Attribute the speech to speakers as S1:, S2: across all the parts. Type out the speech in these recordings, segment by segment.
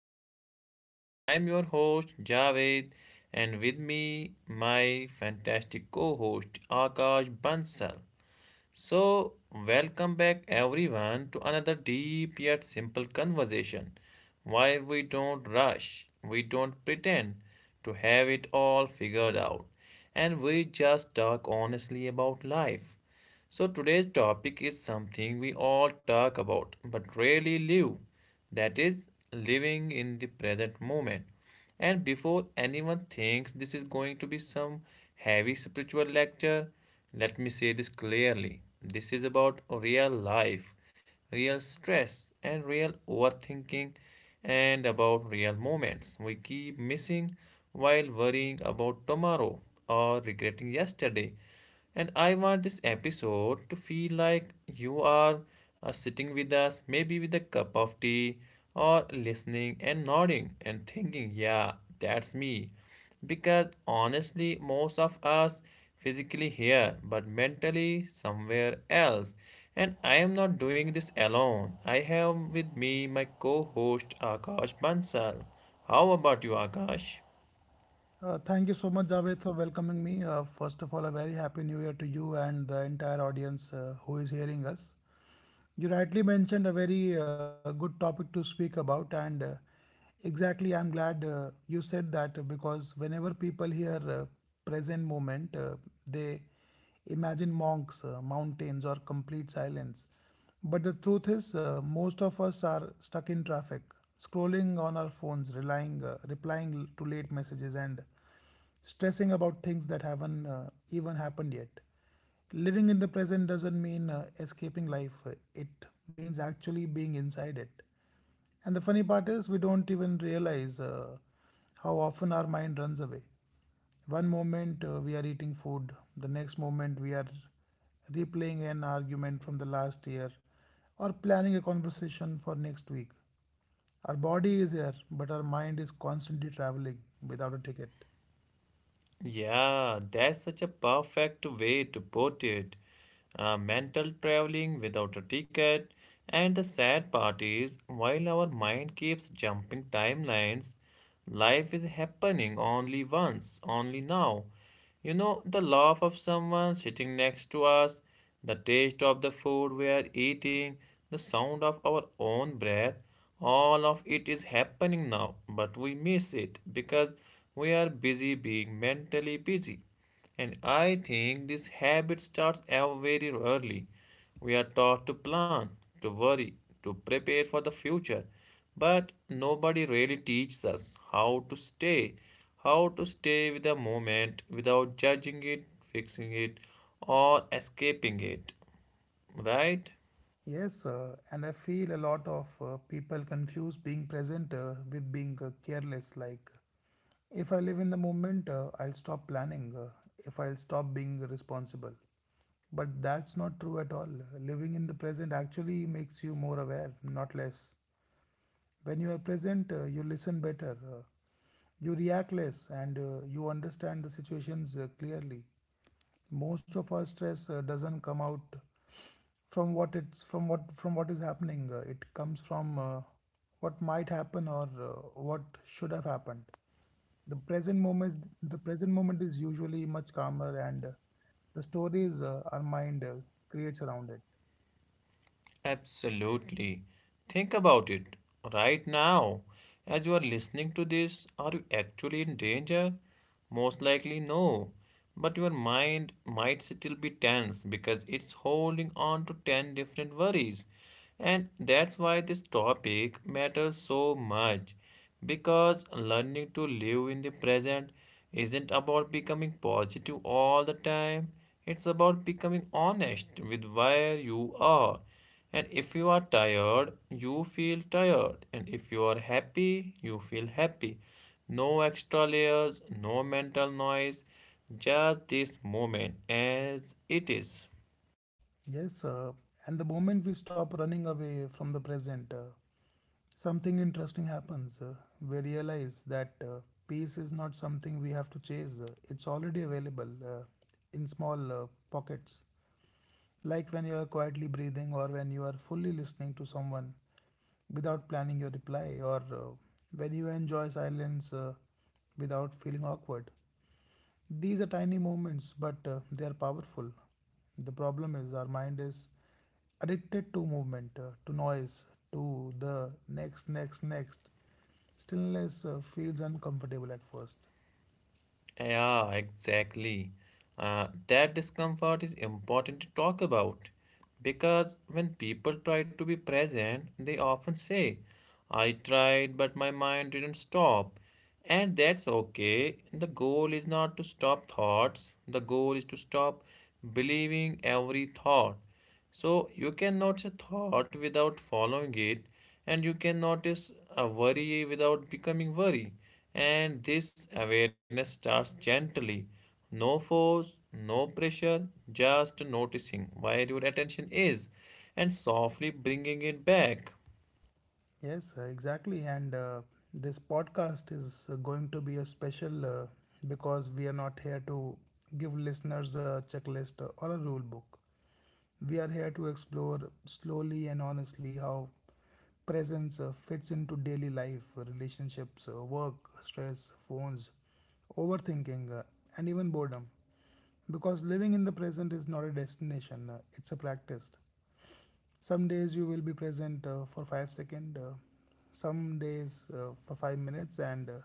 S1: podcast. I'm your host Javed and with me my fantastic co-host Akash Bansal. So, welcome back everyone to another deep yet simple conversation where we don't rush, we don't pretend to have it all figured out, and we just talk honestly about life. So, today's topic is something we all talk about but rarely live, that is, living in the present moment. And before anyone thinks this is going to be some heavy spiritual lecture, let me say this clearly. This is about real life, real stress, and real overthinking, and about real moments we keep missing while worrying about tomorrow or regretting yesterday. And I want this episode to feel like you are sitting with us, maybe with a cup of tea, or listening and nodding and thinking, yeah, that's me. Because honestly, most of us physically here, but mentally somewhere else. And I am not doing this alone. I have with me my co host Akash Bansal. How about you, Akash?
S2: Thank you so much, Javed, for welcoming me. First of all, a very happy new year to you and the entire audience who is hearing us. You rightly mentioned a very good topic to speak about, and exactly, I'm glad you said that because whenever people hear present moment, they imagine monks, mountains, or complete silence. But the truth is, most of us are stuck in traffic, scrolling on our phones, replying to late messages, and stressing about things that haven't even happened yet. Living in the present doesn't mean escaping life, it means actually being inside it. And the funny part is, we don't even realize how often our mind runs away. One moment we are eating food, the next moment we are replaying an argument from the last year or planning a conversation for next week. Our body is here, but our mind is constantly traveling without a ticket.
S1: Yeah, that's such a perfect way to put it. Mental traveling without a ticket. And the sad part is, while our mind keeps jumping timelines, life is happening only once, only now. You know, the laugh of someone sitting next to us, the taste of the food we are eating, the sound of our own breath, all of it is happening now, but we miss it because we are busy being mentally busy. And I think this habit starts very early. We are taught to plan, to worry, to prepare for the future, but nobody really teaches us how to stay with the moment without judging it, fixing it, or escaping it, right?
S2: Yes, and I feel a lot of people confuse being present with being careless. Like, if I live in the moment, I'll stop planning, if I'll stop being responsible. But that's not true at all. Living in the present actually makes you more aware, not less. When you are present, you listen better, you react less, and you understand the situations clearly. Most of our stress doesn't come out from what is happening. It comes from what might happen or what should have happened. The present moment, is- the present moment is usually much calmer, and the stories our mind creates around it.
S1: Absolutely. Think about it right now. As you are listening to this, are you actually in danger? Most likely, no. But your mind might still be tense because it's holding on to 10 different worries. And that's why this topic matters so much. Because learning to live in the present isn't about becoming positive all the time, it's about becoming honest with where you are, and if you are tired, you feel tired. And if you are happy, you feel happy. No extra layers, no mental noise, just this moment as it is.
S2: Yes, and the moment we stop running away from the present, something interesting happens. We realize that peace is not something we have to chase, it's already available in small pockets. Like when you are quietly breathing or when you are fully listening to someone without planning your reply, or when you enjoy silence without feeling awkward. These are tiny moments, but they are powerful. The problem is our mind is addicted to movement, to noise, to the next, next, next. Stillness feels uncomfortable at first.
S1: Yeah, exactly. That discomfort is important to talk about because when people try to be present, they often say, I tried, but my mind didn't stop. And that's okay. The goal is not to stop thoughts, the goal is to stop believing every thought. So you can notice a thought without following it, and you can notice a worry without becoming worry. And this awareness starts gently. No force, no pressure, just noticing where your attention is and softly bringing it back.
S2: Yes, exactly. And this podcast is going to be a special because we are not here to give listeners a checklist or a rule book. We are here to explore slowly and honestly how presence fits into daily life, relationships, work, stress, phones, overthinking, and even boredom. Because living in the present is not a destination, it's a practice. Some days you will be present for 5 second, some days for 5 minutes, and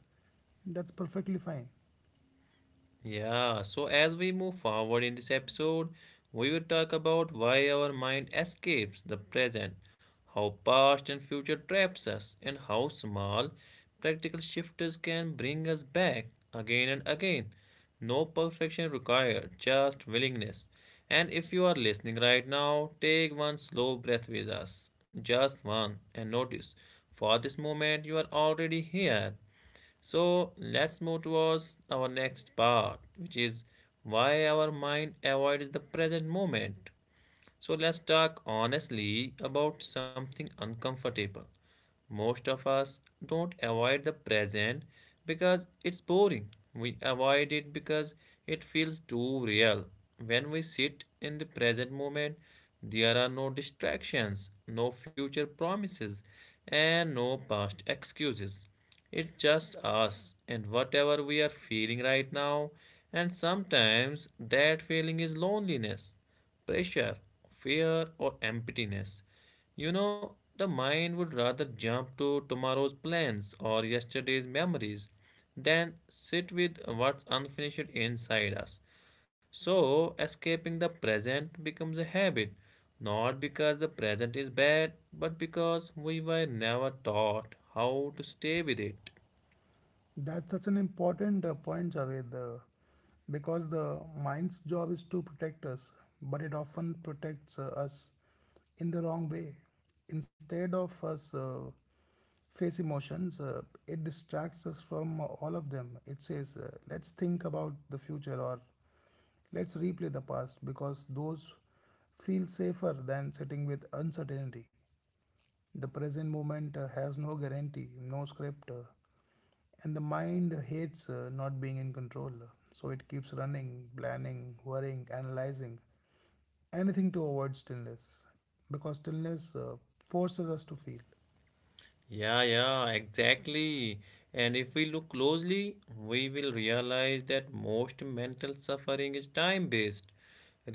S2: that's perfectly fine.
S1: Yeah, so as we move forward in this episode, we will talk about why our mind escapes the present, how past and future traps us, and how small practical shifts can bring us back again and again. No perfection required, just willingness. And if you are listening right now, take one slow breath with us, just one, and notice, for this moment you are already here. So let's move towards our next part, which is why our mind avoids the present moment. So let's talk honestly about something uncomfortable. Most of us don't avoid the present because it's boring. We avoid it because it feels too real. When we sit in the present moment, there are no distractions, no future promises, and no past excuses. It's just us and whatever we are feeling right now, and sometimes that feeling is loneliness, pressure, fear, or emptiness. You know, the mind would rather jump to tomorrow's plans or yesterday's memories than sit with what's unfinished inside us. So, escaping the present becomes a habit, not because the present is bad, but because we were never taught how to stay with it.
S2: That's such an important point, Javed, because the mind's job is to protect us, but it often protects us in the wrong way. Instead of us face emotions, it distracts us from all of them. It says, let's think about the future or let's replay the past because those feel safer than sitting with uncertainty. The present moment has no guarantee, no script, and the mind hates not being in control. So it keeps running, planning, worrying, analyzing, anything to avoid stillness, because stillness forces us to feel.
S1: Yeah, exactly. And if we look closely, we will realize that most mental suffering is time-based.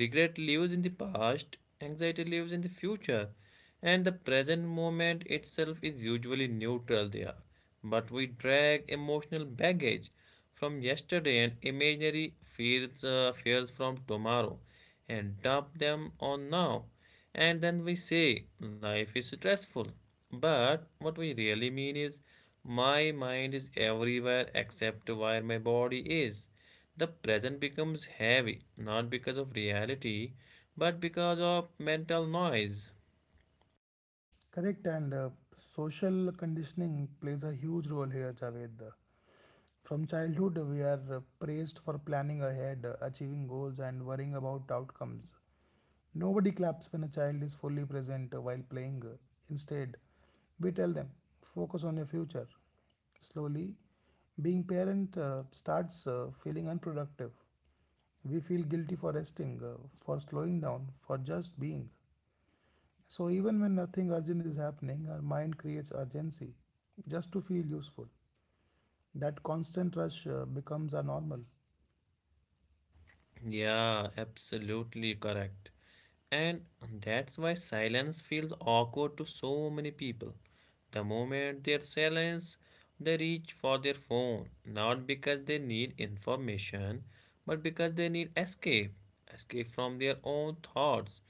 S1: Regret lives in the past, anxiety lives in the future, and the present moment itself is usually neutral there. But we drag emotional baggage from yesterday and imaginary fears, fears from tomorrow, and dump them on now. And then we say life is stressful. But what we really mean is my mind is everywhere except where my body is. The present becomes heavy, not because of reality, but because of mental noise.
S2: Correct, and social conditioning plays a huge role here, Javed. From childhood, we are praised for planning ahead, achieving goals, and worrying about outcomes. Nobody claps when a child is fully present while playing. Instead, we tell them, focus on your future. Slowly, being parent starts feeling unproductive. We feel guilty for resting, for slowing down, for just being. So, even when nothing urgent is happening, our mind creates urgency just to feel useful. That constant rush becomes our normal.
S1: Yeah, absolutely correct. And that's why silence feels awkward to so many people. The moment there's silence, they reach for their phone, not because they need information, but because they need escape, escape from their own thoughts.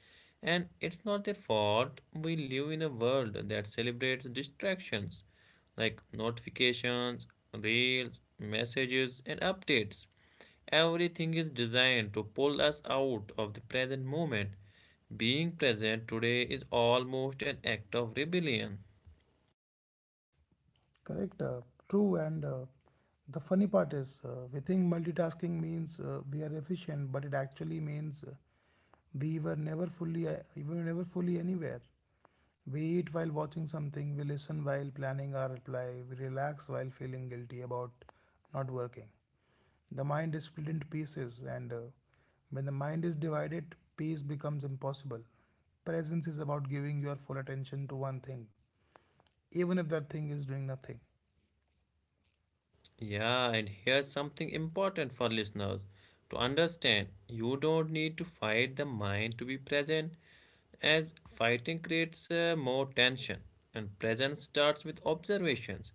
S1: And it's not their fault. We live in a world that celebrates distractions like notifications, reels, messages, and updates. Everything is designed to pull us out of the present moment. Being present today is almost an act of rebellion.
S2: Correct, true, and the funny part is we think multitasking means we are efficient, but it actually means we were never fully anywhere. We eat while watching something, we listen while planning our reply, we relax while feeling guilty about not working. The mind is split into pieces, and when the mind is divided, peace becomes impossible. Presence is about giving your full attention to one thing, even if that thing is doing nothing.
S1: Yeah, and here's something important for listeners to understand. You don't need to fight the mind to be present, as fighting creates more tension, and presence starts with observations.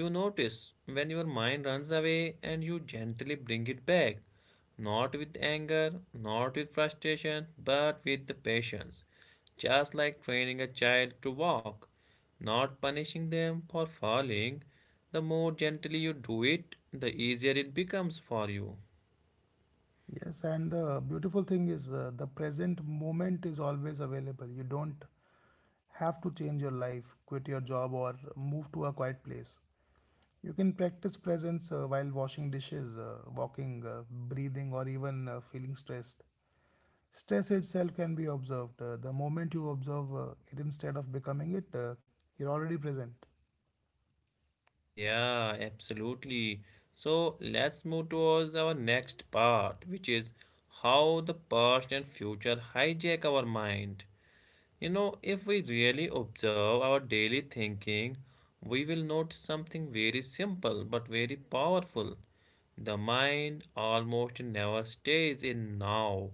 S1: You notice when your mind runs away and you gently bring it back, not with anger, not with frustration, but with the patience, just like training a child to walk, not punishing them for falling. The more gently you do it, the easier it becomes for you.
S2: Yes, and the beautiful thing is the present moment is always available. You don't have to change your life, quit your job, or move to a quiet place. You can practice presence while washing dishes, walking, breathing, or even feeling stressed. Stress itself can be observed. The moment you observe it instead of becoming it, you're already present.
S1: Yeah, absolutely. So let's move towards our next part, which is how the past and future hijack our mind. You know, if we really observe our daily thinking, we will notice something very simple but very powerful. The mind almost never stays in now.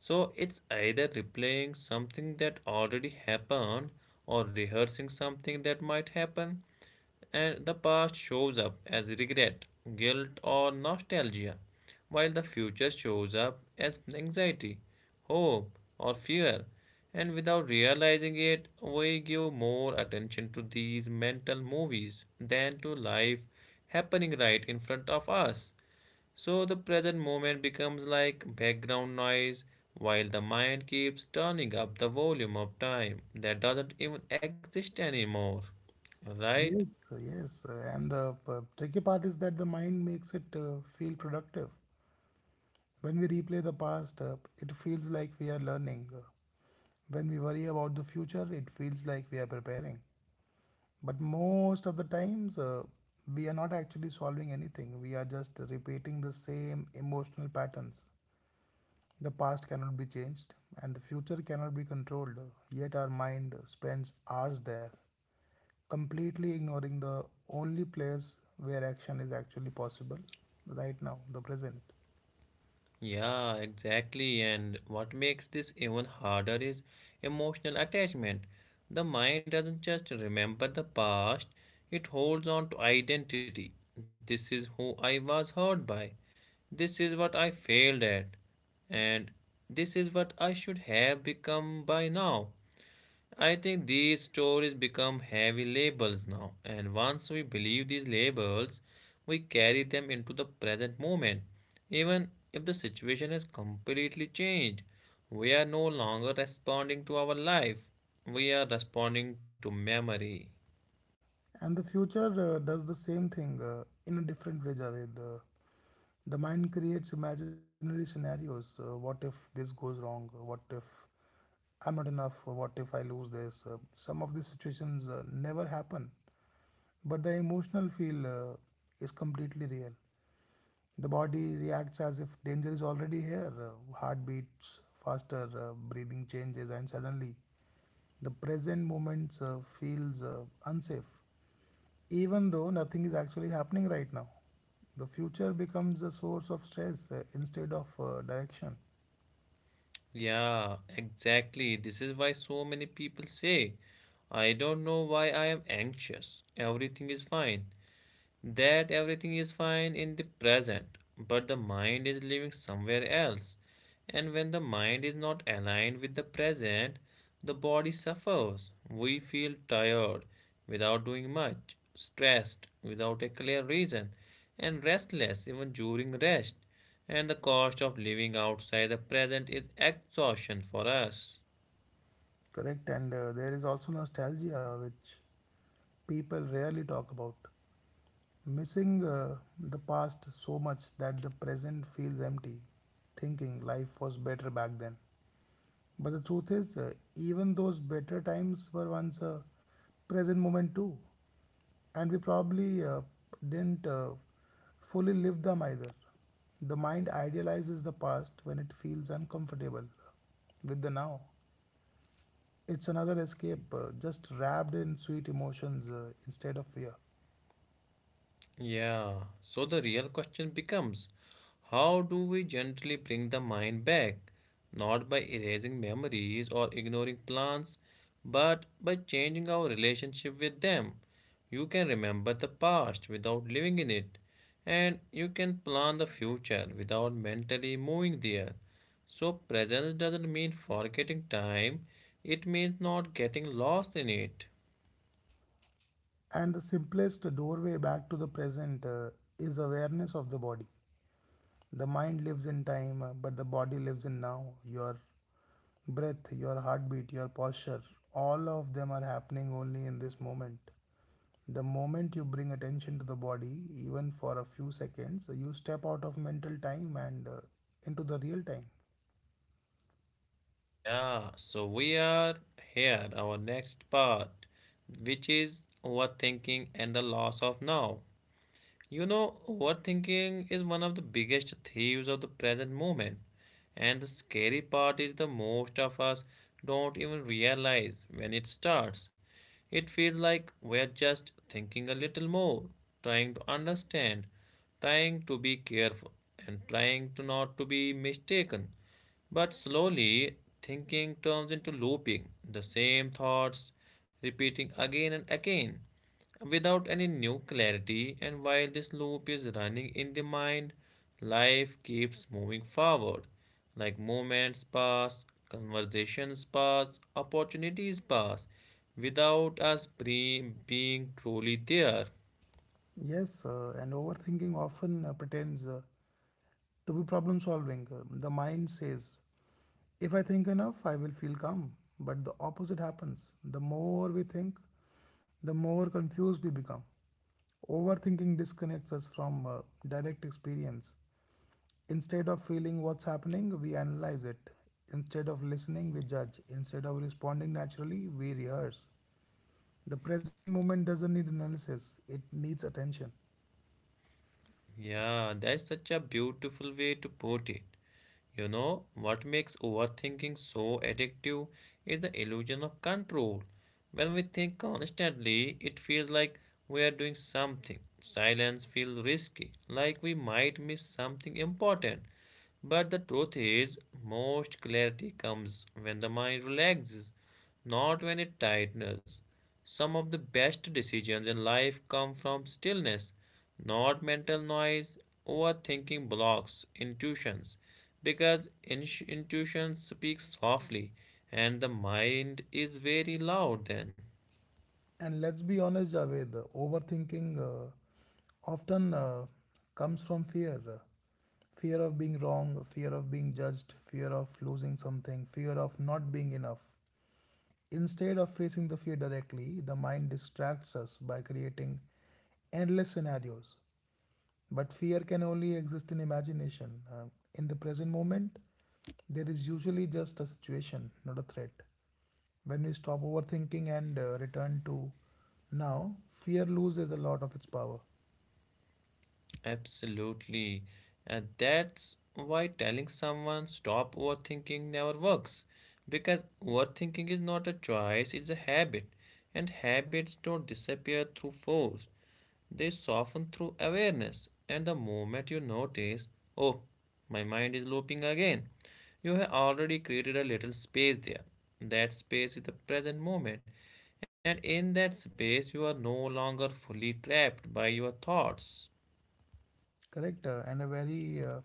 S1: So it's either replaying something that already happened or rehearsing something that might happen. And the past shows up as regret, guilt, or nostalgia, while the future shows up as anxiety, hope, or fear. And without realizing it, we give more attention to these mental movies than to life happening right in front of us. So the present moment becomes like background noise while the mind keeps turning up the volume of time that doesn't even exist anymore. Right?
S2: Yes, yes. And the tricky part is that the mind makes it feel productive. When we replay the past, it feels like we are learning. When we worry about the future, it feels like we are preparing. But most of the times, we are not actually solving anything. We are just repeating the same emotional patterns. The past cannot be changed, and the future cannot be controlled. Yet our mind spends hours there, completely ignoring the only place where action is actually possible right now, the present.
S1: Yeah, exactly. And what makes this even harder is emotional attachment. The mind doesn't just remember the past, it holds on to identity. This is who I was hurt by. This is what I failed at, and this is what I should have become by now. I think these stories become heavy labels now, and once we believe these labels, we carry them into the present moment, even if the situation has completely changed. We are no longer responding to our life, we are responding to memory.
S2: And the future does the same thing in a different way, Javed. The mind creates imaginary scenarios. What if this goes wrong? What if I'm not enough? What if I lose this? Some of these situations never happen, but the emotional feel is completely real. The body reacts as if danger is already here. Heart beats faster, breathing changes, and suddenly the present moment feels unsafe even though nothing is actually happening right now. The future becomes a source of stress instead of direction.
S1: Yeah, exactly. This is why so many people say I don't know why I am anxious. Everything is fine. That everything is fine in the present, but the mind is living somewhere else. And when the mind is not aligned with the present, the body suffers. We feel tired without doing much, stressed without a clear reason, and restless even during rest. And the cost of living outside the present is exhaustion for us.
S2: Correct, and there is also nostalgia which people rarely talk about, missing the past so much that the present feels empty, thinking life was better back then. But the truth is, even those better times were once a present moment too, and we probably didn't fully live them either. The mind idealizes the past when it feels uncomfortable with the now. It's another escape, just wrapped in sweet emotions instead of fear.
S1: Yeah, so the real question becomes, how do we gently bring the mind back? Not by erasing memories or ignoring plans, but by changing our relationship with them. You can remember the past without living in it, and you can plan the future without mentally moving there. So, presence doesn't mean forgetting time, it means not getting lost in it.
S2: And the simplest doorway back to the present is awareness of the body. The mind lives in time, but the body lives in now. Your breath, your heartbeat, your posture, all of them are happening only in this moment. The moment you bring attention to the body, even for a few seconds, you step out of mental time and into the real time.
S1: Yeah, so we are here, our next part, which is overthinking and the loss of now. You know, overthinking is one of the biggest thieves of the present moment. And the scary part is the most of us don't even realize when it starts. It feels like we're just thinking a little more, trying to understand, trying to be careful, and trying to not to be mistaken. But slowly, thinking turns into looping, the same thoughts repeating again and again without any new clarity, and while this loop is running in the mind, life keeps moving forward. Like moments pass, conversations pass, opportunities pass, without us being truly there.
S2: Yes, and overthinking often pretends to be problem solving. The mind says, if I think enough, I will feel calm. But the opposite happens. The more we think, the more confused we become. Overthinking disconnects us from direct experience. Instead of feeling what's happening, we analyze it. Instead of listening, we judge. Instead of responding naturally, we rehearse. The present moment doesn't need analysis, it needs attention.
S1: Yeah, that's such a beautiful way to put it. You know, what makes overthinking so addictive is the illusion of control. When we think constantly, it feels like we are doing something. Silence feels risky, like we might miss something important. But the truth is, most clarity comes when the mind relaxes, not when it tightens. Some of the best decisions in life come from stillness, not mental noise. Overthinking blocks intuitions because intuition speaks softly and the mind is very loud then.
S2: And let's be honest, Javed, overthinking often comes from fear, fear of being wrong, fear of being judged, fear of losing something, fear of not being enough. Instead of facing the fear directly, the mind distracts us by creating endless scenarios. But fear can only exist in imagination. In the present moment, there is usually just a situation, not a threat. When we stop overthinking and return to now, fear loses a lot of its power.
S1: Absolutely. And that's why telling someone stop overthinking never works, because overthinking is not a choice, it's a habit. And habits don't disappear through force, they soften through awareness. And the moment you notice, oh, my mind is looping again, you have already created a little space there. That space is the present moment. And in that space, you are no longer fully trapped by your thoughts.
S2: Correct? And a very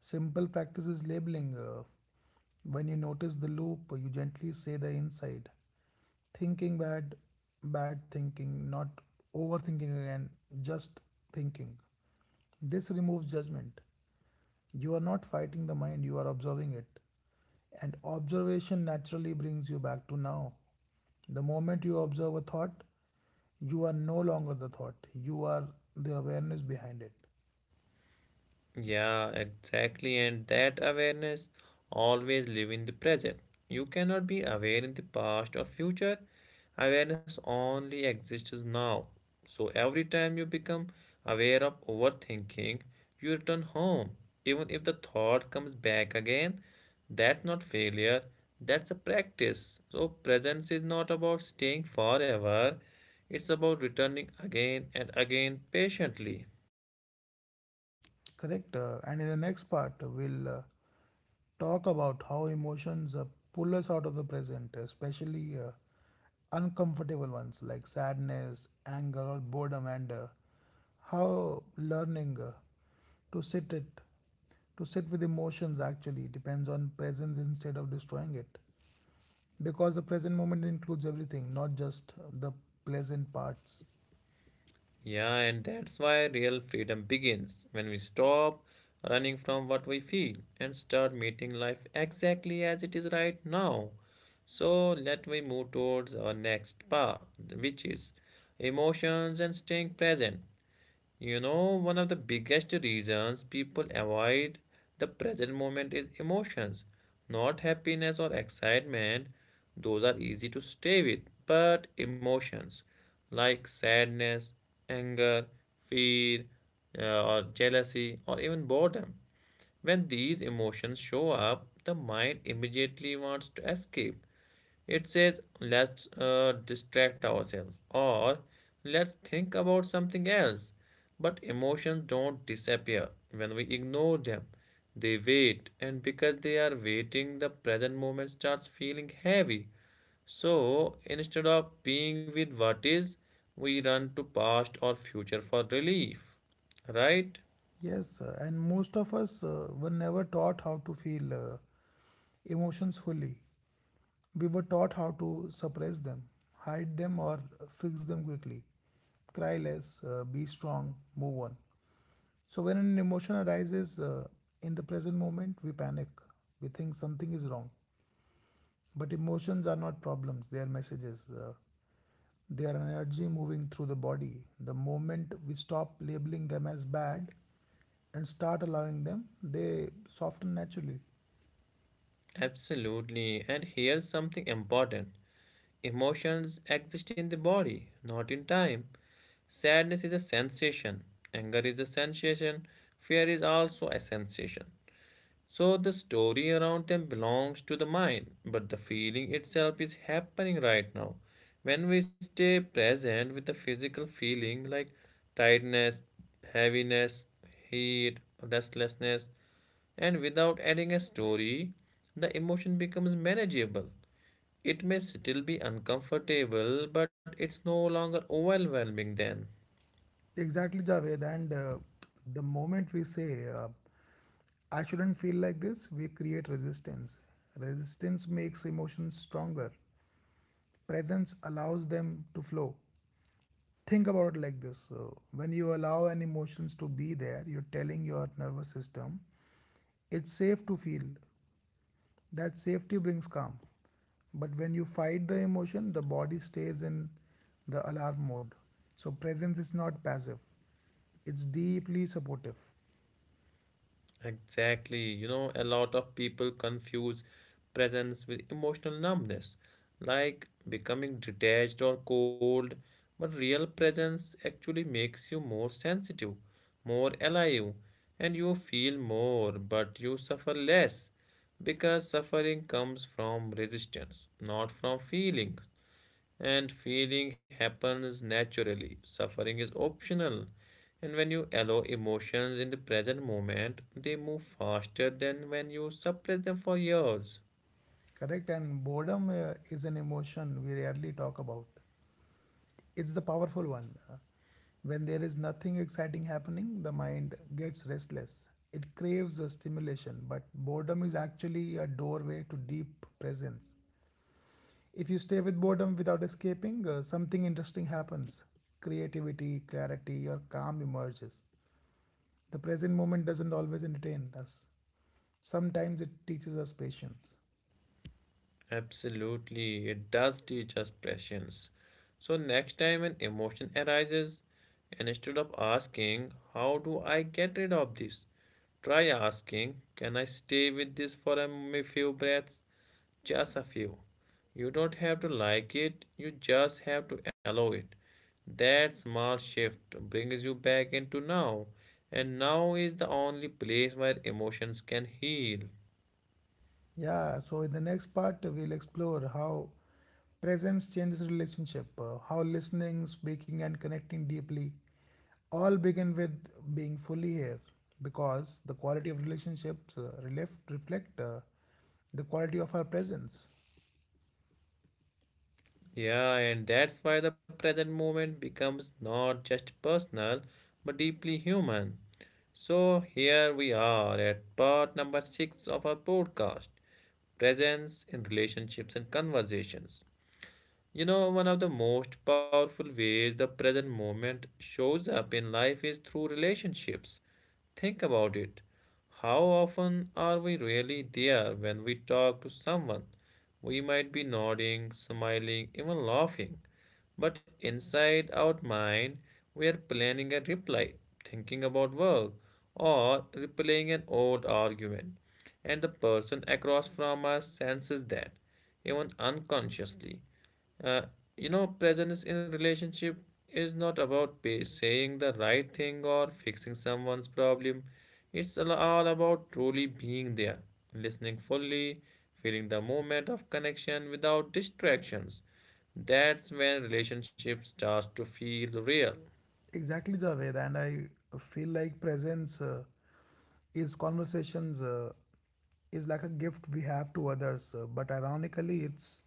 S2: simple practice is labeling. When you notice the loop, you gently say the inside. Thinking bad, bad thinking, not overthinking again, just thinking. This removes judgment. You are not fighting the mind, you are observing it. And observation naturally brings you back to now. The moment you observe a thought, you are no longer the thought, you are the awareness behind it.
S1: Yeah, exactly. And that awareness always live in the present. You cannot be aware in the past or future. Awareness only exists now. So every time you become aware of overthinking, you return home. Even if the thought comes back again, that's not failure. That's a practice. So presence is not about staying forever. It's about returning again and again patiently.
S2: Correct. And in the next part, we'll talk about how emotions pull us out of the present, especially uncomfortable ones like sadness, anger, or boredom, and how learning to sit it, to sit with emotions actually depends on presence instead of destroying it, because the present moment includes everything, not just the pleasant parts.
S1: Yeah, and that's why real freedom begins when we stop running from what we feel and start meeting life exactly as it is right now. So let me move towards our next part, which is emotions and staying present. You know, one of the biggest reasons people avoid the present moment is emotions, not happiness or excitement. Those are easy to stay with, but emotions like sadness, anger, fear, or jealousy, or even boredom. When these emotions show up, the mind immediately wants to escape. It says, let's distract ourselves or let's think about something else. But emotions don't disappear when we ignore them. They wait, and because they are waiting, the present moment starts feeling heavy. So instead of being with what is, we run to past or future for relief, right?
S2: Yes, and most of us were never taught how to feel emotions fully. We were taught how to suppress them, hide them, or fix them quickly. Cry less, be strong, move on. So, when an emotion arises in the present moment, we panic. We think something is wrong. But emotions are not problems, they are messages. They are energy moving through the body. The moment we stop labeling them as bad and start allowing them, they soften naturally.
S1: Absolutely. And here's something important: emotions exist in the body, not in time. Sadness is a sensation, anger is a sensation, fear is also a sensation. So the story around them belongs to the mind, but the feeling itself is happening right now. When we stay present with the physical feeling like tightness, heaviness, heat, restlessness, and without adding a story, the emotion becomes manageable. It may still be uncomfortable, but it's no longer overwhelming then.
S2: Exactly, Javed. And the moment we say, I shouldn't feel like this, we create resistance. Resistance makes emotions stronger. Presence allows them to flow. Think about it like this. So when you allow an emotions to be there, you're telling your nervous system it's safe to feel. That safety brings calm. But when you fight the emotion, the body stays in the alarm mode. So presence is not passive. It's deeply supportive.
S1: Exactly. You know, a lot of people confuse presence with emotional numbness, like becoming detached or cold. But real presence actually makes you more sensitive, more alive, and you feel more, but you suffer less because suffering comes from resistance, not from feeling. And feeling happens naturally. Suffering is optional. And when you allow emotions in the present moment, they move faster than when you suppress them for years.
S2: Correct? And boredom is an emotion we rarely talk about. It's the powerful one. When there is nothing exciting happening, the mind gets restless. It craves a stimulation, but boredom is actually a doorway to deep presence. If you stay with boredom without escaping, something interesting happens. Creativity, clarity, or calm emerges. The present moment doesn't always entertain us, sometimes it teaches us patience.
S1: Absolutely, it does teach us patience. So next time an emotion arises, instead of asking, "How do I get rid of this?" try asking, "Can I stay with this for a few breaths?" Just a few. You don't have to like it, you just have to allow it. That small shift brings you back into now, and now is the only place where emotions can heal.
S2: Yeah, so in the next part, we'll explore how presence changes relationship, how listening, speaking, and connecting deeply all begin with being fully here because the quality of relationships reflect the quality of our presence.
S1: Yeah, and that's why the present moment becomes not just personal but deeply human. So, here we are at part number 6 of our podcast, Presence in Relationships and Conversations. You know, one of the most powerful ways the present moment shows up in life is through relationships. Think about it. How often are we really there when we talk to someone? We might be nodding, smiling, even laughing. But inside our mind, we are planning a reply, thinking about work, or replaying an old argument. And the person across from us senses that, even unconsciously. Uh, you know, presence in relationship is not about saying the right thing or fixing someone's problem. It's all about truly being there, listening fully, feeling the moment of connection without distractions. That's when relationship starts to feel real.
S2: Exactly, Javed, and I feel like presence. Is conversations is like a gift we have to others, but ironically, it's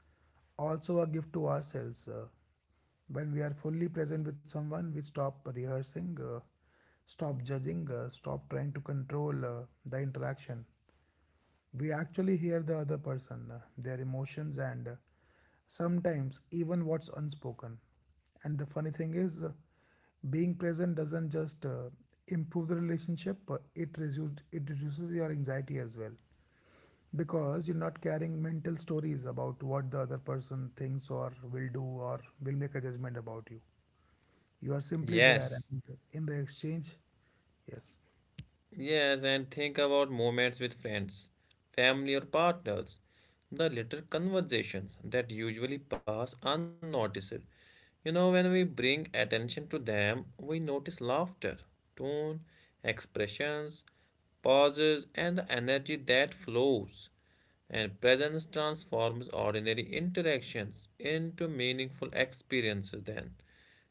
S2: also a gift to ourselves. When we are fully present with someone, we stop rehearsing, stop judging, stop trying to control the interaction we actually hear the other person, their emotions, and sometimes even what's unspoken. And the funny thing is, being present doesn't just improve the relationship, but it reduces your anxiety as well. Because you're not carrying mental stories about what the other person thinks or will do or will make a judgment about you. You are simply there
S1: Yes,
S2: and in the exchange. Yes,
S1: yes, and think about moments with friends, family, or partners. The little conversations that usually pass unnoticed. You know, when we bring attention to them, we notice laughter, tone, expressions, pauses, and the energy that flows. And presence transforms ordinary interactions into meaningful experiences, then.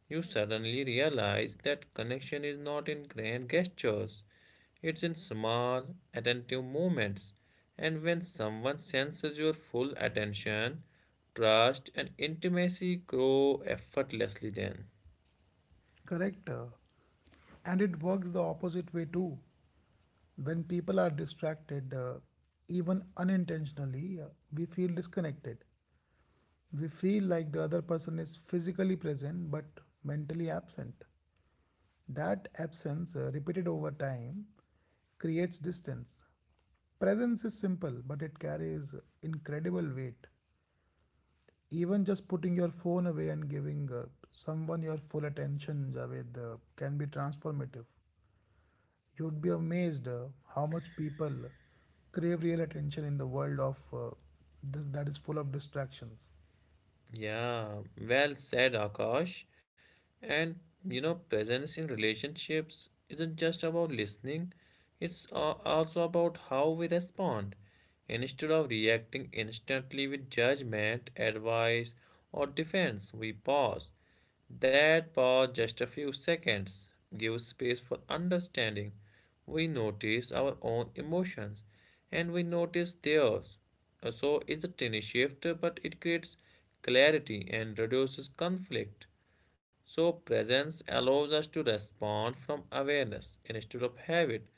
S1: You suddenly realize that connection is not in grand gestures, it's in small, attentive moments. And when someone senses your full attention, trust and intimacy grow effortlessly then.
S2: correct. And it works the opposite way too. When people are distracted, even unintentionally, we feel disconnected. We feel like the other person is physically present but mentally absent. That absence, repeated over time, creates distance. Presence is simple, but it carries incredible weight. Even just putting your phone away and giving someone your full attention, Javed, can be transformative. You'd be amazed how much people crave real attention in the world of this, that is full of distractions.
S1: Yeah, well said, Akash. And you know, presence in relationships isn't just about listening, it's also about how we respond. Instead of reacting instantly with judgment, advice, or defense, we pause. That pause, just a few seconds, gives space for understanding. We notice our own emotions and we notice theirs. So it's a tiny shift, but it creates clarity and reduces conflict. So presence allows us to respond from awareness instead of habit.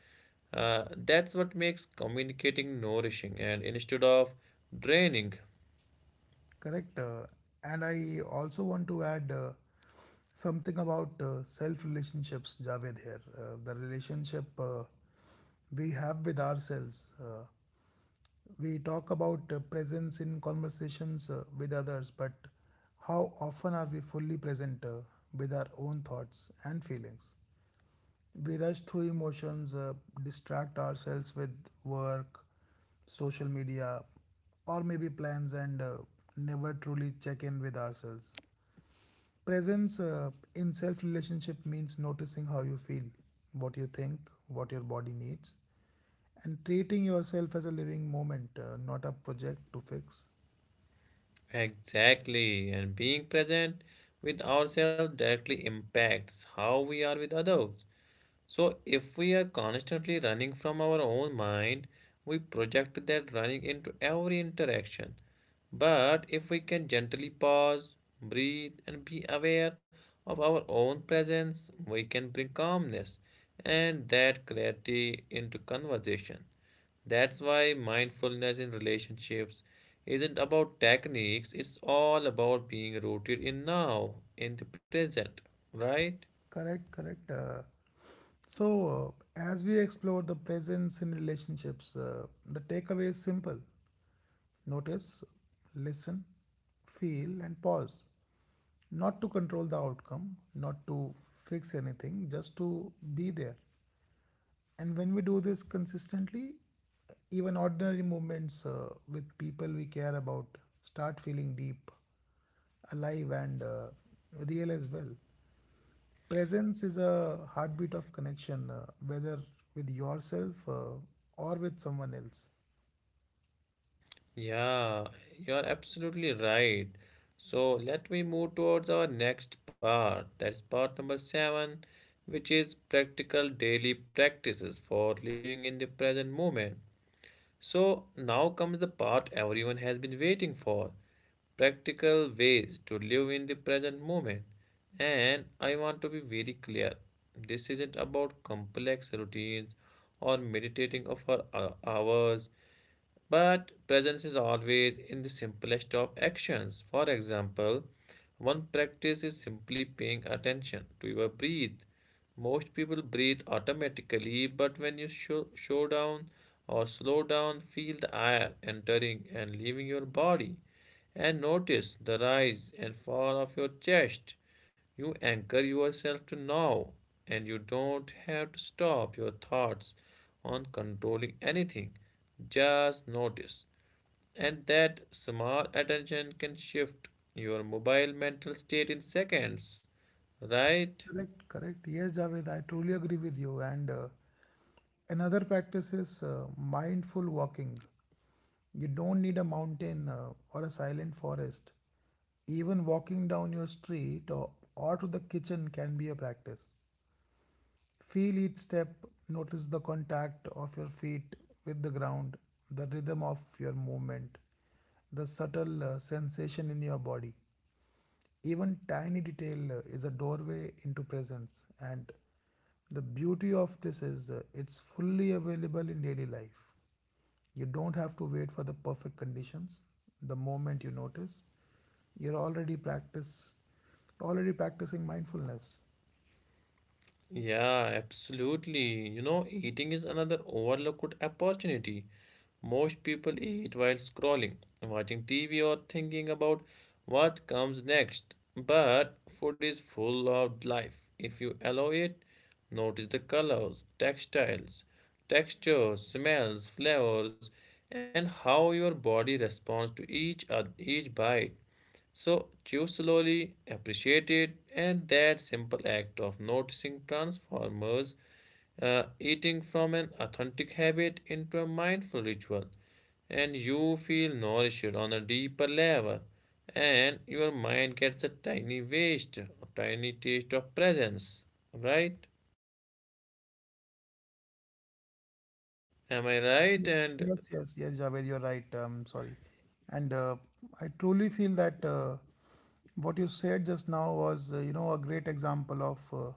S1: That's what makes communicating nourishing and instead of draining.
S2: Correct. And I also want to add something about self relationships, Javed, here. The relationship we have with ourselves. We talk about presence in conversations with others, but how often are we fully present with our own thoughts and feelings? We rush through emotions, distract ourselves with work, social media, or maybe plans, and never truly check in with ourselves. Presence in self relationship means noticing how you feel, what you think, what your body needs, and treating yourself as a living moment, not a project to fix.
S1: Exactly, and being present with ourselves directly impacts how we are with others. So if we are constantly running from our own mind, we project that running into every interaction. But if we can gently pause, breathe, and be aware of our own presence, we can bring calmness and that clarity into conversation. That's why mindfulness in relationships isn't about techniques, it's all about being rooted in now, in the present, right?
S2: Correct, correct. So, as we explore the presence in relationships, the takeaway is simple. Notice, listen, feel, and pause. Not to control the outcome, not to fix anything, just to be there. And when we do this consistently, even ordinary moments with people we care about start feeling deep, alive, and real as well. Presence is a heartbeat of connection, whether with yourself or with someone else.
S1: Yeah, you're absolutely right. So let me move towards our next part. That's part number seven, which is practical daily practices for living in the present moment. So now comes the part everyone has been waiting for: practical ways to live in the present moment. And I want to be very clear, this isn't about complex routines or meditating for hours. But presence is always in the simplest of actions. For example, one practice is simply paying attention to your breath. Most people breathe automatically, but when you show, show down or slow down, feel the air entering and leaving your body and notice the rise and fall of your chest. You anchor yourself to now and you don't have to stop your thoughts on controlling anything. Just notice. And that small attention can shift your mobile mental state in seconds, right?
S2: Correct, correct. Yes, Javed, I truly agree with you. And Another practice is mindful walking. You don't need a mountain or a silent forest. Even walking down your street or to the kitchen can be a practice. Feel each step, notice the contact of your feet with the ground, the rhythm of your movement, the subtle sensation in your body. Even tiny detail is a doorway into presence, and the beauty of this is it's fully available in daily life. You don't have to wait for the perfect conditions. The moment you notice, you're already practicing mindfulness.
S1: Yeah, absolutely. You know, eating is another overlooked opportunity. Most people eat while scrolling, watching TV, or thinking about what comes next. But food is full of life if you allow it. Notice the colors, textiles, textures, smells, flavors, and how your body responds to each bite. So chew slowly, appreciate it, and that simple act of noticing transformers eating from an authentic habit into a mindful ritual, and you feel nourished on a deeper level, and your mind gets a tiny taste of presence. Right? Am I right?
S2: Ye-
S1: And
S2: Yes, yes, yes, Javed, you're right. Sorry. And I truly feel that what you said just now was, you know, a great example of uh,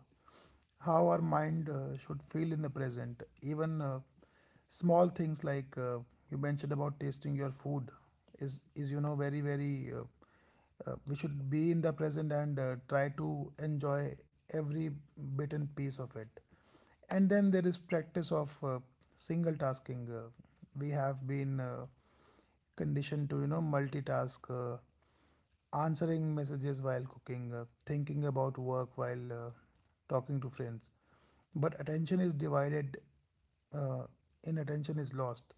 S2: how our mind should feel in the present. Even small things like you mentioned about tasting your food is you know, very, very, we should be in the present and try to enjoy every bit and piece of it, and then there is practice of single tasking. We have been conditioned to, you know, multitask, answering messages while cooking, thinking about work while talking to friends, but attention is divided, uh, in attention is lost.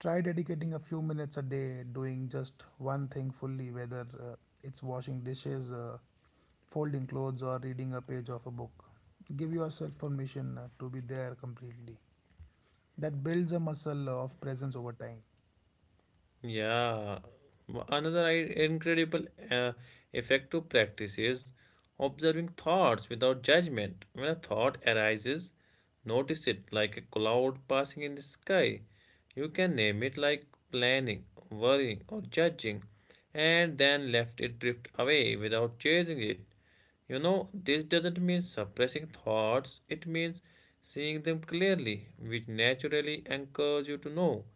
S2: Try dedicating a few minutes a day doing just one thing fully, whether it's washing dishes, folding clothes, or reading a page of a book. Give yourself permission to be there completely. That builds a muscle of presence over time.
S1: yeah, another I- incredible uh, effective practice is observing thoughts without judgment. When a thought arises, notice it like a cloud passing in the sky. You can name it like planning, worrying, or judging, and then left it drift away without chasing it. You know, this doesn't mean suppressing thoughts, it means seeing them clearly, which naturally anchors you to know.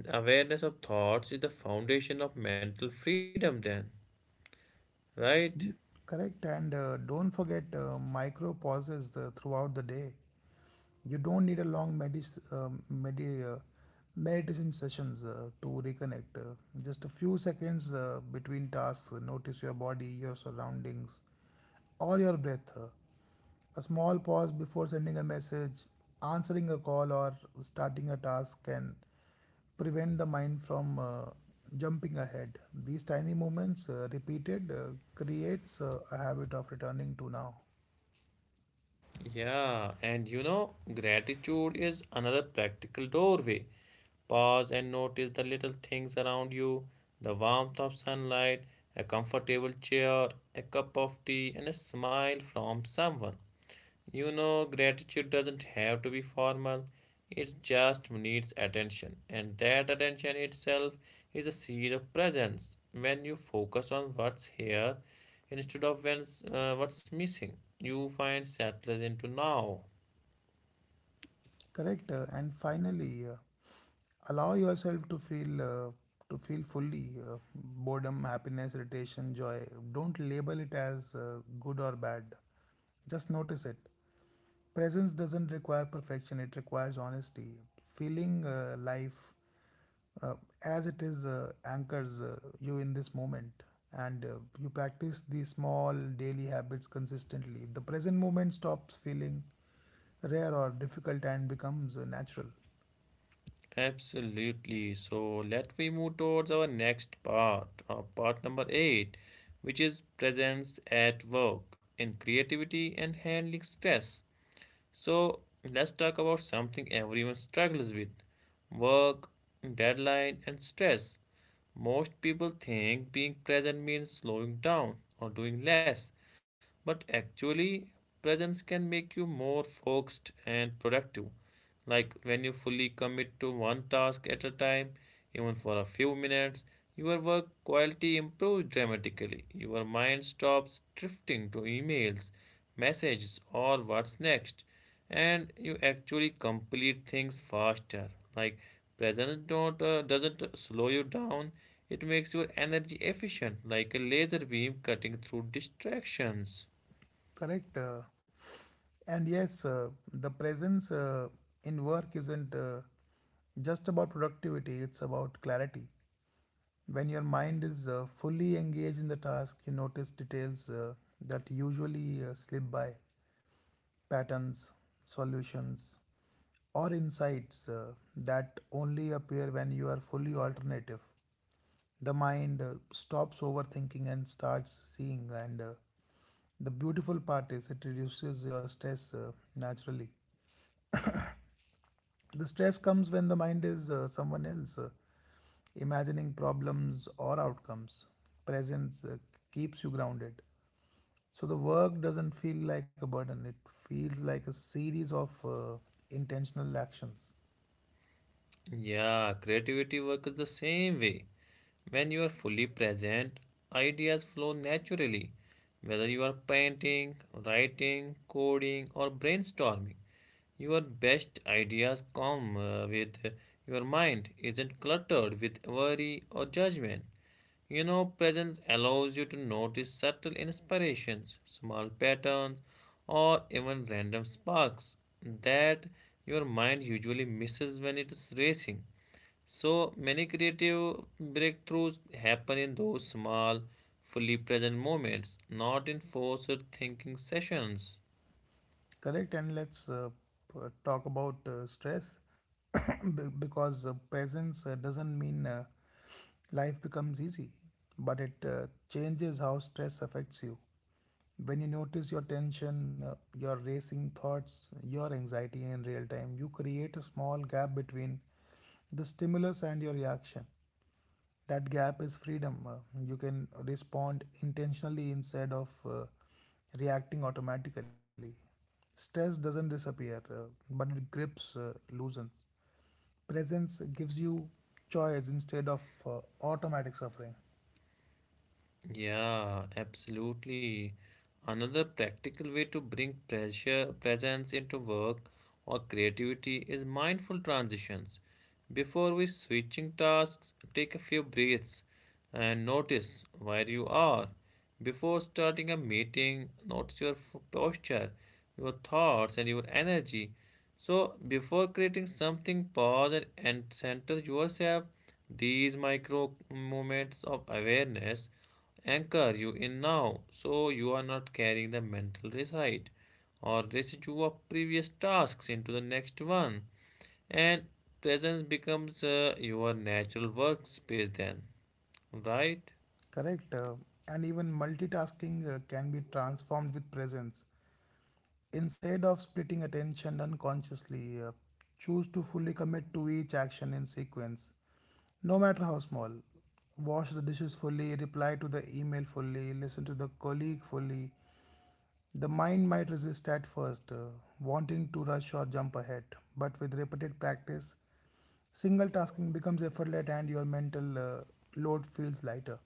S1: And awareness of thoughts is the foundation of mental freedom, then, right?
S2: Correct, and don't forget micro pauses throughout the day. You don't need a long medis medi meditation sessions to reconnect. Just a few seconds between tasks, notice your body, your surroundings, or your breath. A small pause before sending a message, answering a call, or starting a task can prevent the mind from jumping ahead. These tiny movements, repeated, creates a habit of returning to now.
S1: Yeah, and you know, gratitude is another practical doorway. Pause and notice the little things around you, the warmth of sunlight, a comfortable chair, a cup of tea, and a smile from someone. You know, gratitude doesn't have to be formal. It just needs attention, and that attention itself is a seed of presence. When you focus on what's here instead of what's missing, you find settlers into now.
S2: Correct. And finally, allow yourself to feel fully boredom, happiness, irritation, joy. Don't label it as good or bad. Just notice it. Presence doesn't require perfection; it requires honesty. Feeling uh, life uh, as it is anchors you in this moment, and you practice these small daily habits consistently, the present moment stops feeling rare or difficult and becomes natural.
S1: Absolutely. So let we move towards our next part, part number eight, which is presence at work in creativity and handling stress. So let's talk about something everyone struggles with: work, deadline, and stress. Most people think being present means slowing down or doing less, but actually, presence can make you more focused and productive. Like when you fully commit to one task at a time, even for a few minutes, your work quality improves dramatically. Your mind stops drifting to emails, messages, or what's next, and you actually complete things faster. Like presence don't doesn't slow you down. It makes your energy efficient, like a laser beam cutting through distractions.
S2: Correct. Uh, and yes the presence in work isn't just about productivity, it's about clarity. When your mind is fully engaged in the task, you notice details that usually slip by: patterns, solutions, or insights that only appear when you are fully alternative. The mind stops overthinking and starts seeing, and the beautiful part is it reduces your stress naturally. The stress comes when the mind is someone else, imagining problems or outcomes. Presence keeps you grounded. So the work doesn't feel like a burden, it feels like a series of intentional actions.
S1: Yeah, creativity works the same way. When you are fully present, ideas flow naturally. Whether you are painting, writing, coding, or brainstorming, your best ideas come with your mind isn't cluttered with worry or judgment. You know, presence allows you to notice subtle inspirations, small patterns, or even random sparks that your mind usually misses when it is racing. So many creative breakthroughs happen in those small, fully present moments, not in forced thinking sessions.
S2: Correct, and let's uh, p- talk about uh, stress be- because presence doesn't mean life becomes easy, but it changes how stress affects you. When you notice your tension, your racing thoughts, your anxiety in real time, you create a small gap between the stimulus and your reaction. That gap is freedom. You can respond intentionally instead of reacting automatically. Stress doesn't disappear, but it grips loosens. Presence gives you choice instead of automatic suffering.
S1: Yeah, absolutely. Another practical way to bring pressure presence into work or creativity is mindful transitions. Before we switching tasks, take a few breaths and notice where you are. Before starting a meeting, notice your posture, your thoughts and your energy. So before creating something, pause and center yourself. These micro moments of awareness anchor you in now so you are not carrying the mental reside or residue of previous tasks into the next one, and presence becomes your natural workspace then, right?
S2: Correct. And even multitasking can be transformed with presence. Instead of splitting attention unconsciously, choose to fully commit to each action in sequence. No matter how small, wash the dishes fully, reply to the email fully, listen to the colleague fully. The mind might resist at first, wanting to rush or jump ahead, but with repeated practice, single tasking becomes effortless and your mental load feels lighter.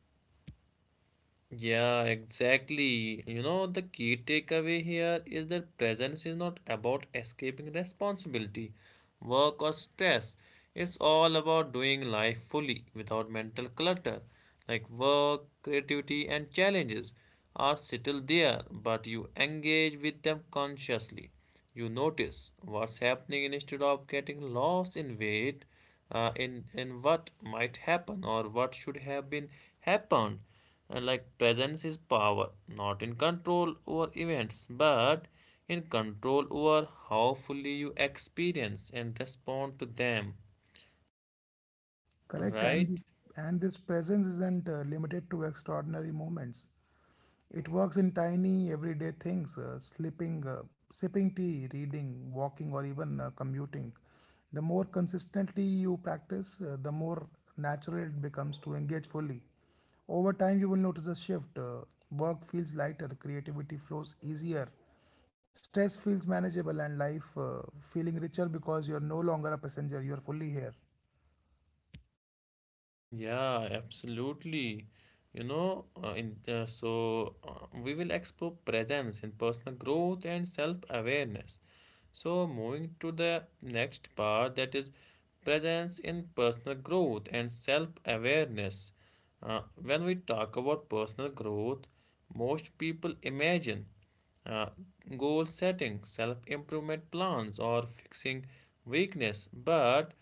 S1: Yeah, exactly. You know, the key takeaway here is that presence is not about escaping responsibility, work, or stress. It's all about doing life fully without mental clutter. Like work, creativity, and challenges are still there, but you engage with them consciously. You notice what's happening instead of getting lost in wait, in what might happen or what should have been happened. Like presence is power, not in control over events, but in control over how fully you experience and respond to them,
S2: Correct, and
S1: right?
S2: this and this presence isn't uh, limited to extraordinary moments. It works in tiny everyday things, sleeping, sipping tea, reading, walking, or even commuting. The more consistently you practice, the more natural it becomes to engage fully. Over time, you will notice a shift. Work feels lighter, creativity flows easier, stress feels manageable, and life feeling richer because you are no longer a passenger, you are fully here.
S1: Yeah, absolutely. You know, in so We will explore presence in personal growth and self-awareness. So moving to the next part, that is presence in personal growth and self-awareness. When we talk about personal growth, most people imagine uh, goal setting, self improvement plans, or fixing weakness. But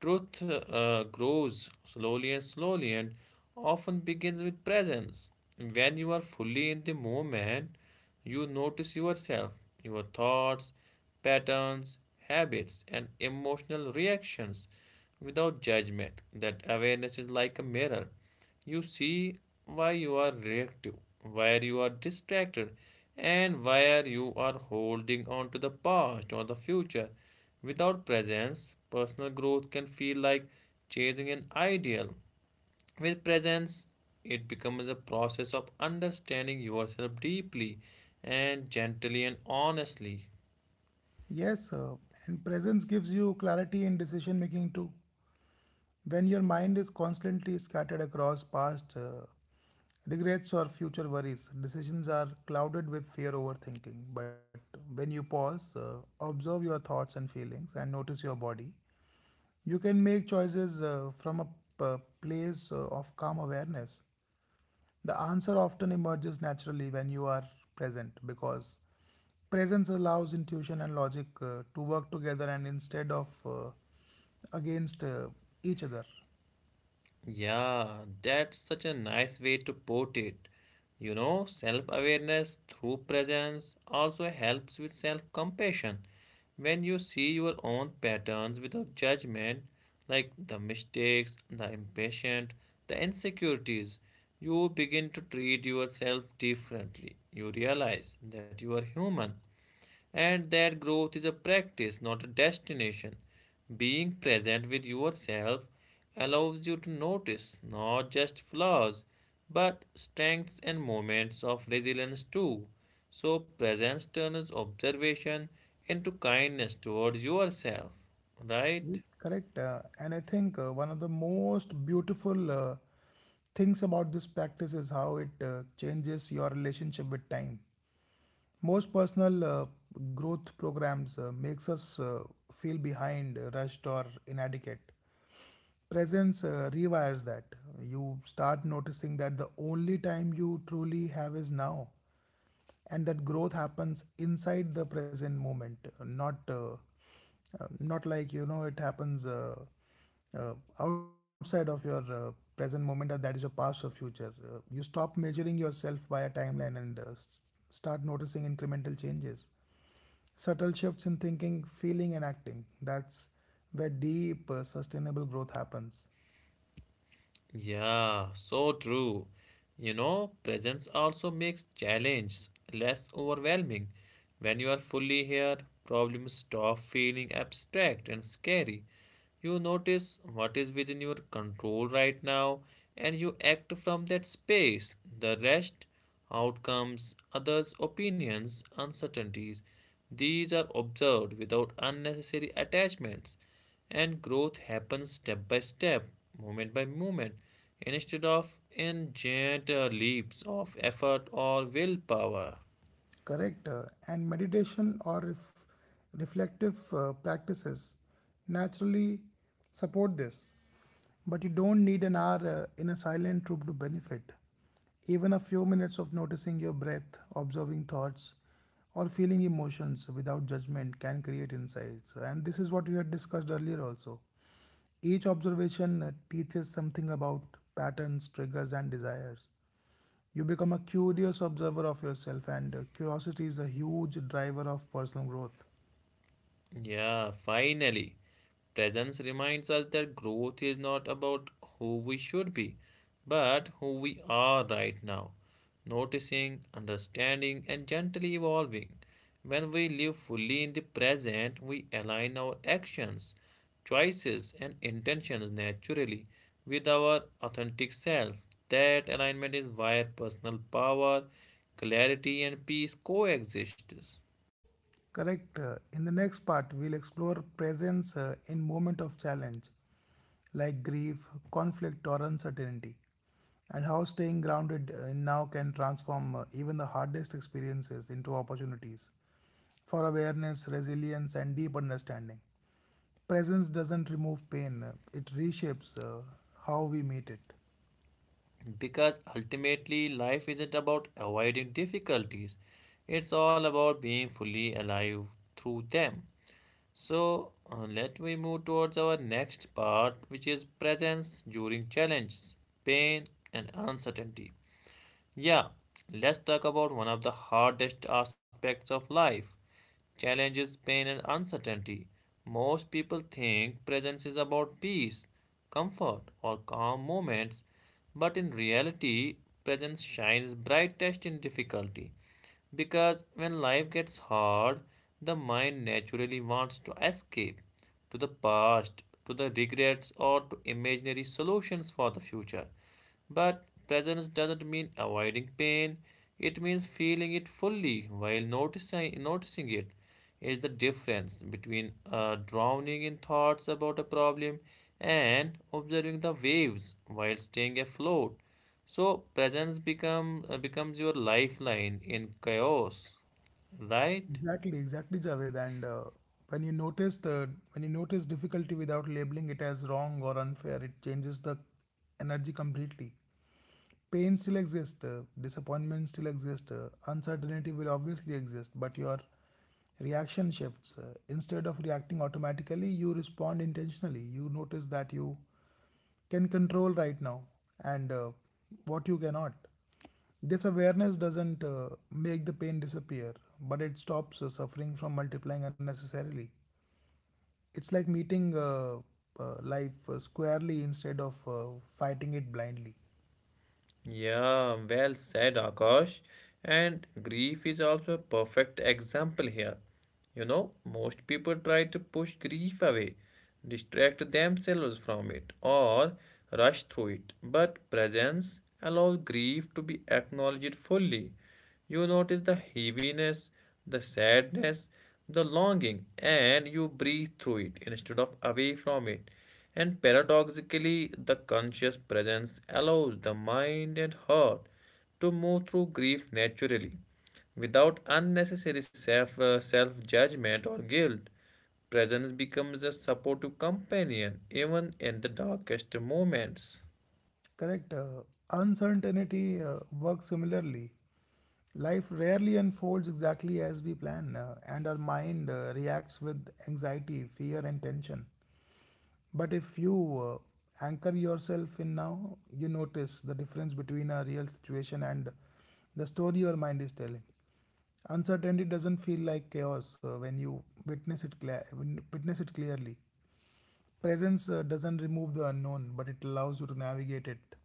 S1: truth grows slowly and slowly and often begins with presence. When you are fully in the moment, you notice yourself, your thoughts, patterns, habits, and emotional reactions without judgment. That awareness is like a mirror. You see why you are reactive, where you are distracted, and where you are holding on to the past or the future. Without presence, personal growth can feel like chasing an ideal. With presence, it becomes a process of understanding yourself deeply and gently and honestly.
S2: Yes, and presence gives you clarity in decision making too. When your mind is constantly scattered across past regrets or future worries, decisions are clouded with fear overthinking. But when you pause, observe your thoughts and feelings, and notice your body, you can make choices from a place of calm awareness. The answer often emerges naturally when you are present because presence allows intuition and logic to work together and instead of against each other.
S1: Yeah, that's such a nice way to put it. You know, self awareness through presence also helps with self compassion. When you see your own patterns without judgment, like the mistakes, the impatient, the insecurities, you begin to treat yourself differently. You realize that you are human and that growth is a practice, not a destination. Being present with yourself allows you to notice not just flaws, but strengths and moments of resilience too. So, presence turns observation into kindness towards yourself, right?
S2: Mm, correct. And I think one of the most beautiful things about this practice is how it changes your relationship with time. Most personal growth programs makes us feel behind, rushed or inadequate. Presence rewires that. You start noticing that the only time you truly have is now, and that growth happens inside the present moment, not not like you know it happens outside of your present moment, or that is your past or future. You stop measuring yourself by a timeline, and start noticing incremental changes, subtle shifts in thinking, feeling and acting. That's where deep, sustainable growth happens.
S1: Yeah, so true. You know, presence also makes challenge less overwhelming. When you are fully here, problems stop feeling abstract and scary. You notice what is within your control right now and you act from that space. The rest, outcomes, others' opinions, uncertainties, these are observed without unnecessary attachments and growth happens step by step, moment by moment, instead of in giant leaps of effort or willpower.
S2: Correct. And meditation or reflective practices naturally support this. But you don't need an hour in a silent room to benefit. Even a few minutes of noticing your breath, observing thoughts, or feeling emotions without judgment can create insights. And this is what we had discussed earlier also. Each observation teaches something about patterns, triggers, and desires. You become a curious observer of yourself, and curiosity is a huge driver of personal growth.
S1: Yeah, finally. Presence reminds us that growth is not about who we should be, but who we are right now. Noticing, understanding, and gently evolving. When we live fully in the present, we align our actions, choices, and intentions naturally with our authentic self. That alignment is where personal power, clarity, and peace coexist.
S2: Correct. In the next part, we'll explore presence in moment of challenge, like grief, conflict, or uncertainty, and how staying grounded now can transform even the hardest experiences into opportunities for awareness, resilience, and deep understanding. Presence doesn't remove pain; it reshapes how we meet it.
S1: Because ultimately, life isn't about avoiding difficulties, it's all about being fully alive through them. So, let me move towards our next part, which is presence during challenges, pain, and uncertainty. Yeah, let's talk about one of the hardest aspects of life: challenges, pain, and uncertainty. Most people think presence is about peace, comfort, or calm moments, but in reality, presence shines brightest in difficulty. Because when life gets hard, the mind naturally wants to escape to the past, to the regrets, or to imaginary solutions for the future. But presence doesn't mean avoiding pain, it means feeling it fully while noticing it. Is the difference between drowning in thoughts about a problem and observing the waves while staying afloat. So presence becomes your lifeline in chaos, right?
S2: Exactly, exactly, Javed. And when you notice difficulty without labeling it as wrong or unfair, it changes the energy completely. Pain still exists, disappointment still exists, uncertainty will obviously exist, but your reaction shifts. Instead of reacting automatically, you respond intentionally. You notice that you can control right now, and what you cannot. This awareness doesn't make the pain disappear, but it stops suffering from multiplying unnecessarily. It's like meeting life squarely instead of fighting it blindly.
S1: Yeah, well said, Akash. And grief is also a perfect example here. You know, most people try to push grief away, distract themselves from it, or rush through it. But presence allows grief to be acknowledged fully. You notice the heaviness, the sadness, the longing, and you breathe through it instead of away from it. And paradoxically, the conscious presence allows the mind and heart to move through grief naturally without unnecessary self judgment or guilt. Presence becomes a supportive companion even in the darkest moments.
S2: Correct. Uncertainty works similarly. Life rarely unfolds exactly as we plan, and our mind reacts with anxiety, fear, and tension. But if you anchor yourself in now, you notice the difference between a real situation and the story your mind is telling. Uncertainty doesn't feel like chaos when you witness it clearly. Presence doesn't remove the unknown, but it allows you to navigate it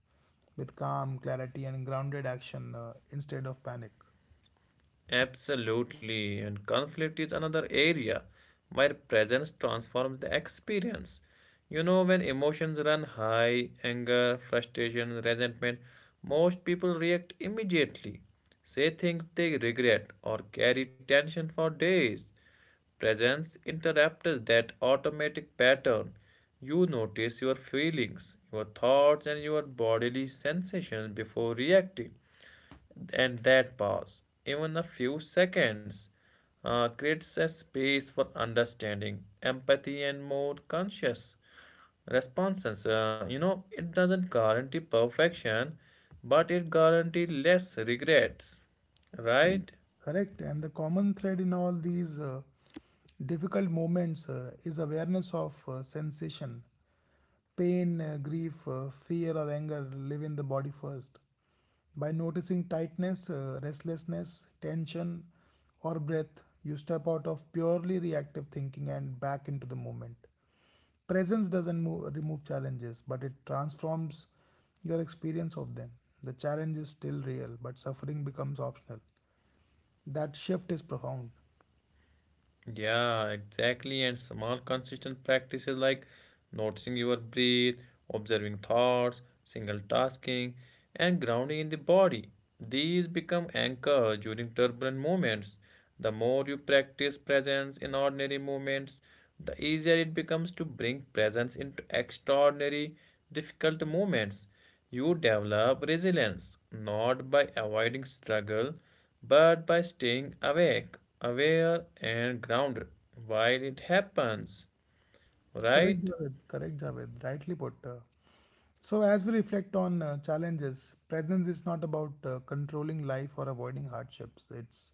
S2: with calm, clarity, and grounded action instead of panic.
S1: Absolutely, and conflict is another area where presence transforms the experience. You know, when emotions run high, anger, frustration, resentment, most people react immediately, say things they regret, or carry tension for days. Presence interrupts that automatic pattern. You notice your feelings, your thoughts, and your bodily sensations before reacting and that pause, even a few seconds, creates a space for understanding, empathy, and more conscious responses. It doesn't guarantee perfection, but it guarantees less regrets, right?
S2: Correct. And the common thread in all these difficult moments is awareness of sensation. Pain, grief, fear, or anger live in the body first. By noticing tightness, restlessness, tension, or breath, you step out of purely reactive thinking and back into the moment. Presence doesn't remove challenges, but it transforms your experience of them. The challenge is still real, but suffering becomes optional. That shift is profound.
S1: Yeah, exactly. And small, consistent practices like noticing your breath, observing thoughts, single tasking, and grounding in the body. These become anchors during turbulent moments. The more you practice presence in ordinary moments, the easier it becomes to bring presence into extraordinary, difficult moments. You develop resilience not by avoiding struggle but by staying awake, aware, and grounded while it happens.
S2: Correct,
S1: Right?
S2: Javed. Correct, Javed. Rightly put. So, as we reflect on challenges, presence is not about controlling life or avoiding hardships. It's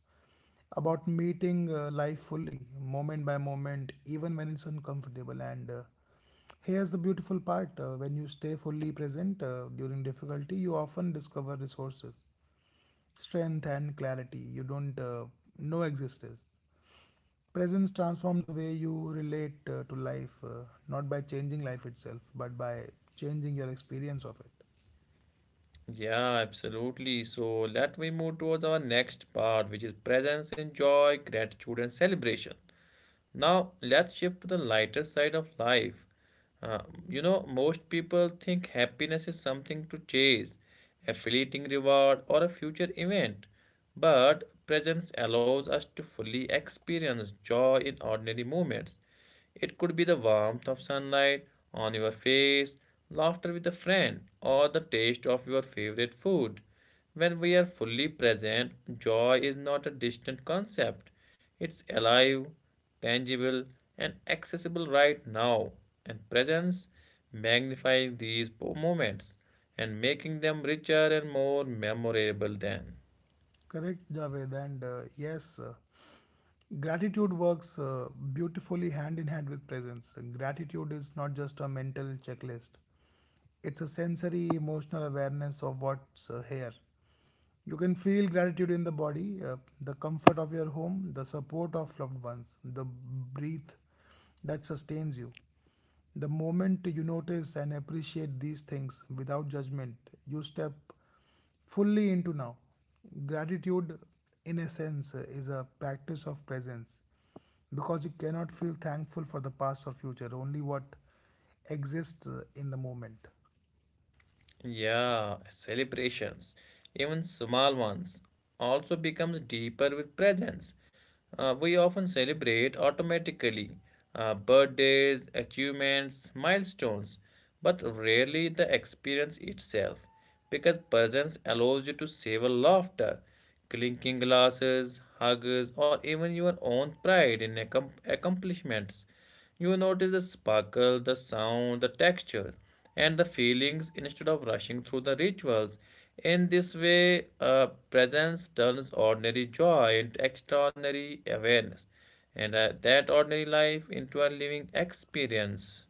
S2: about meeting life fully, moment by moment, even when it's uncomfortable. And Here's the beautiful part: when you stay fully present during difficulty, you often discover resources, strength, and clarity you don't know existed. Presence transforms the way you relate to life, not by changing life itself, but by changing your experience of it.
S1: Yeah, absolutely. So, let we move towards our next part, which is presence, and joy, gratitude, and celebration. Now, let's shift to the lighter side of life. Uh, Most people think happiness is something to chase, affiliating reward, or a future event. But presence allows us to fully experience joy in ordinary moments. It could be the warmth of sunlight on your face, laughter with a friend, or the taste of your favorite food. When we are fully present, joy is not a distant concept. It's alive, tangible, and accessible right now. And presence magnifies these moments and making them richer and more memorable than.
S2: Correct, Javed. And yes, gratitude works beautifully hand in hand with presence. Gratitude is not just a mental checklist, it's a sensory, emotional awareness of what's here. You can feel gratitude in the body: the comfort of your home, the support of loved ones, the breath that sustains you. The moment you notice and appreciate these things without judgment, you step fully into now. Gratitude, in a sense, is a practice of presence, because you cannot feel thankful for the past or future, only what exists in the moment.
S1: Yeah, celebrations, even small ones, also becomes deeper with presence. We often celebrate automatically birthdays, achievements, milestones, but rarely the experience itself, because presence allows you to savor laughter, clinking glasses, hugs, or even your own pride in accomplishments. You notice the sparkle, the sound, the texture, and the feelings instead of rushing through the rituals. In this way, presence turns ordinary joy into extraordinary awareness, and that ordinary life into a living experience.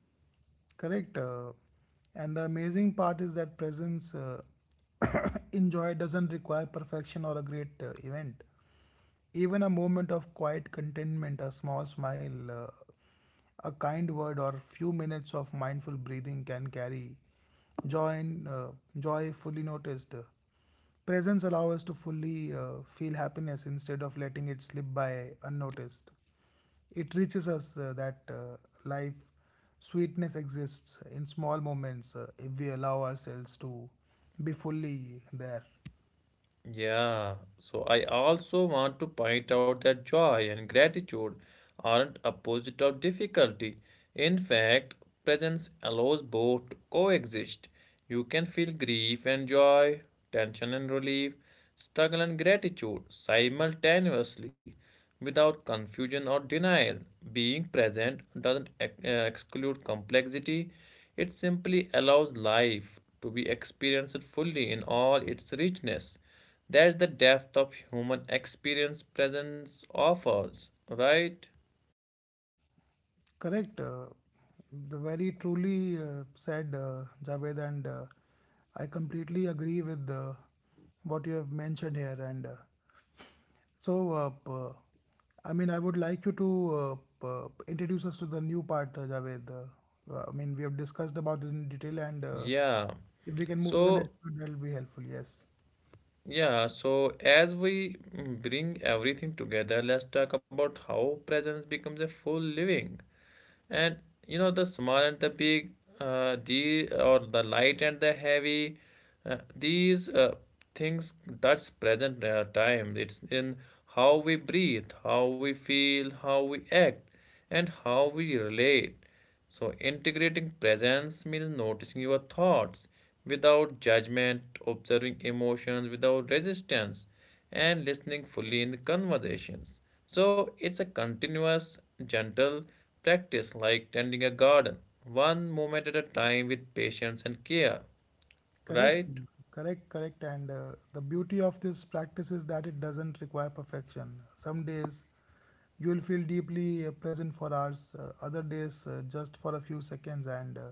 S2: Correct? And the amazing part is that presence. Enjoy doesn't require perfection or a great event. Even a moment of quiet contentment, a small smile, a kind word, or few minutes of mindful breathing can carry joy in uh, joy fully noticed. Presence allows us to fully feel happiness instead of letting it slip by unnoticed. It reaches us that life sweetness exists in small moments, if we allow ourselves to be fully there.
S1: Yeah, so I also want to point out that joy and gratitude aren't opposite of difficulty. In fact, presence allows both to coexist. You can feel grief and joy, tension and relief, struggle and gratitude simultaneously without confusion or denial. Being present doesn't exclude complexity, it simply allows life to be experienced fully in all its richness. That's the depth of human experience presence offers, right?
S2: Correct. The very truly said, Javed, and I completely agree with what you have mentioned here. And so, uh, p- uh, I mean, I would like you to introduce us to the new part, Javed. I mean, we have discussed about it in detail, and
S1: Yeah.
S2: if we can move to the next
S1: So,
S2: part, that will be helpful. Yes.
S1: yeah, so as we bring everything together, let's talk about how presence becomes a full living. And you know, the small and the big, the or the light and the heavy, these things touch present time. It's in how we breathe, how we feel, how we act, and how we relate. So, integrating presence means noticing your thoughts without judgment, observing emotions without resistance, and listening fully in the conversations. So, it's a continuous, gentle practice like tending a garden, one moment at a time with patience and care,
S2: Correct,
S1: right?
S2: correct, correct. And the beauty of this practice is that it doesn't require perfection. Some days you will feel deeply present for hours, other days just for a few seconds, and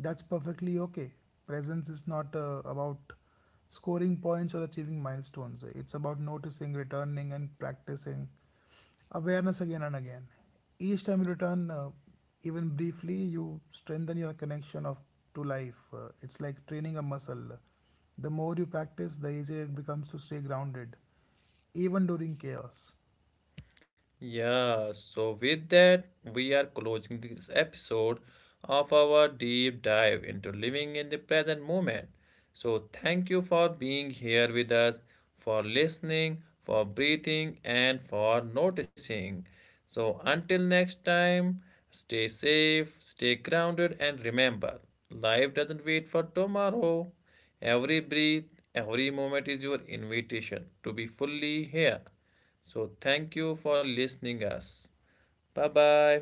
S2: that's perfectly okay. Presence is not about scoring points or achieving milestones, it's about noticing, returning, and practicing. Awareness again and again. Each time you return, even briefly, you strengthen your connection of to life. It's like training a muscle. The more you practice, the easier it becomes to stay grounded, even during chaos.
S1: Yeah, so with that, we are closing this episode of our deep dive into living in the present moment. So, thank you for being here with us, for listening, for breathing, and for noticing. So, until next time, stay safe, stay grounded, and remember life doesn't wait for tomorrow. Every breath, every moment is your invitation to be fully here. So thank you for listening us. Bye bye.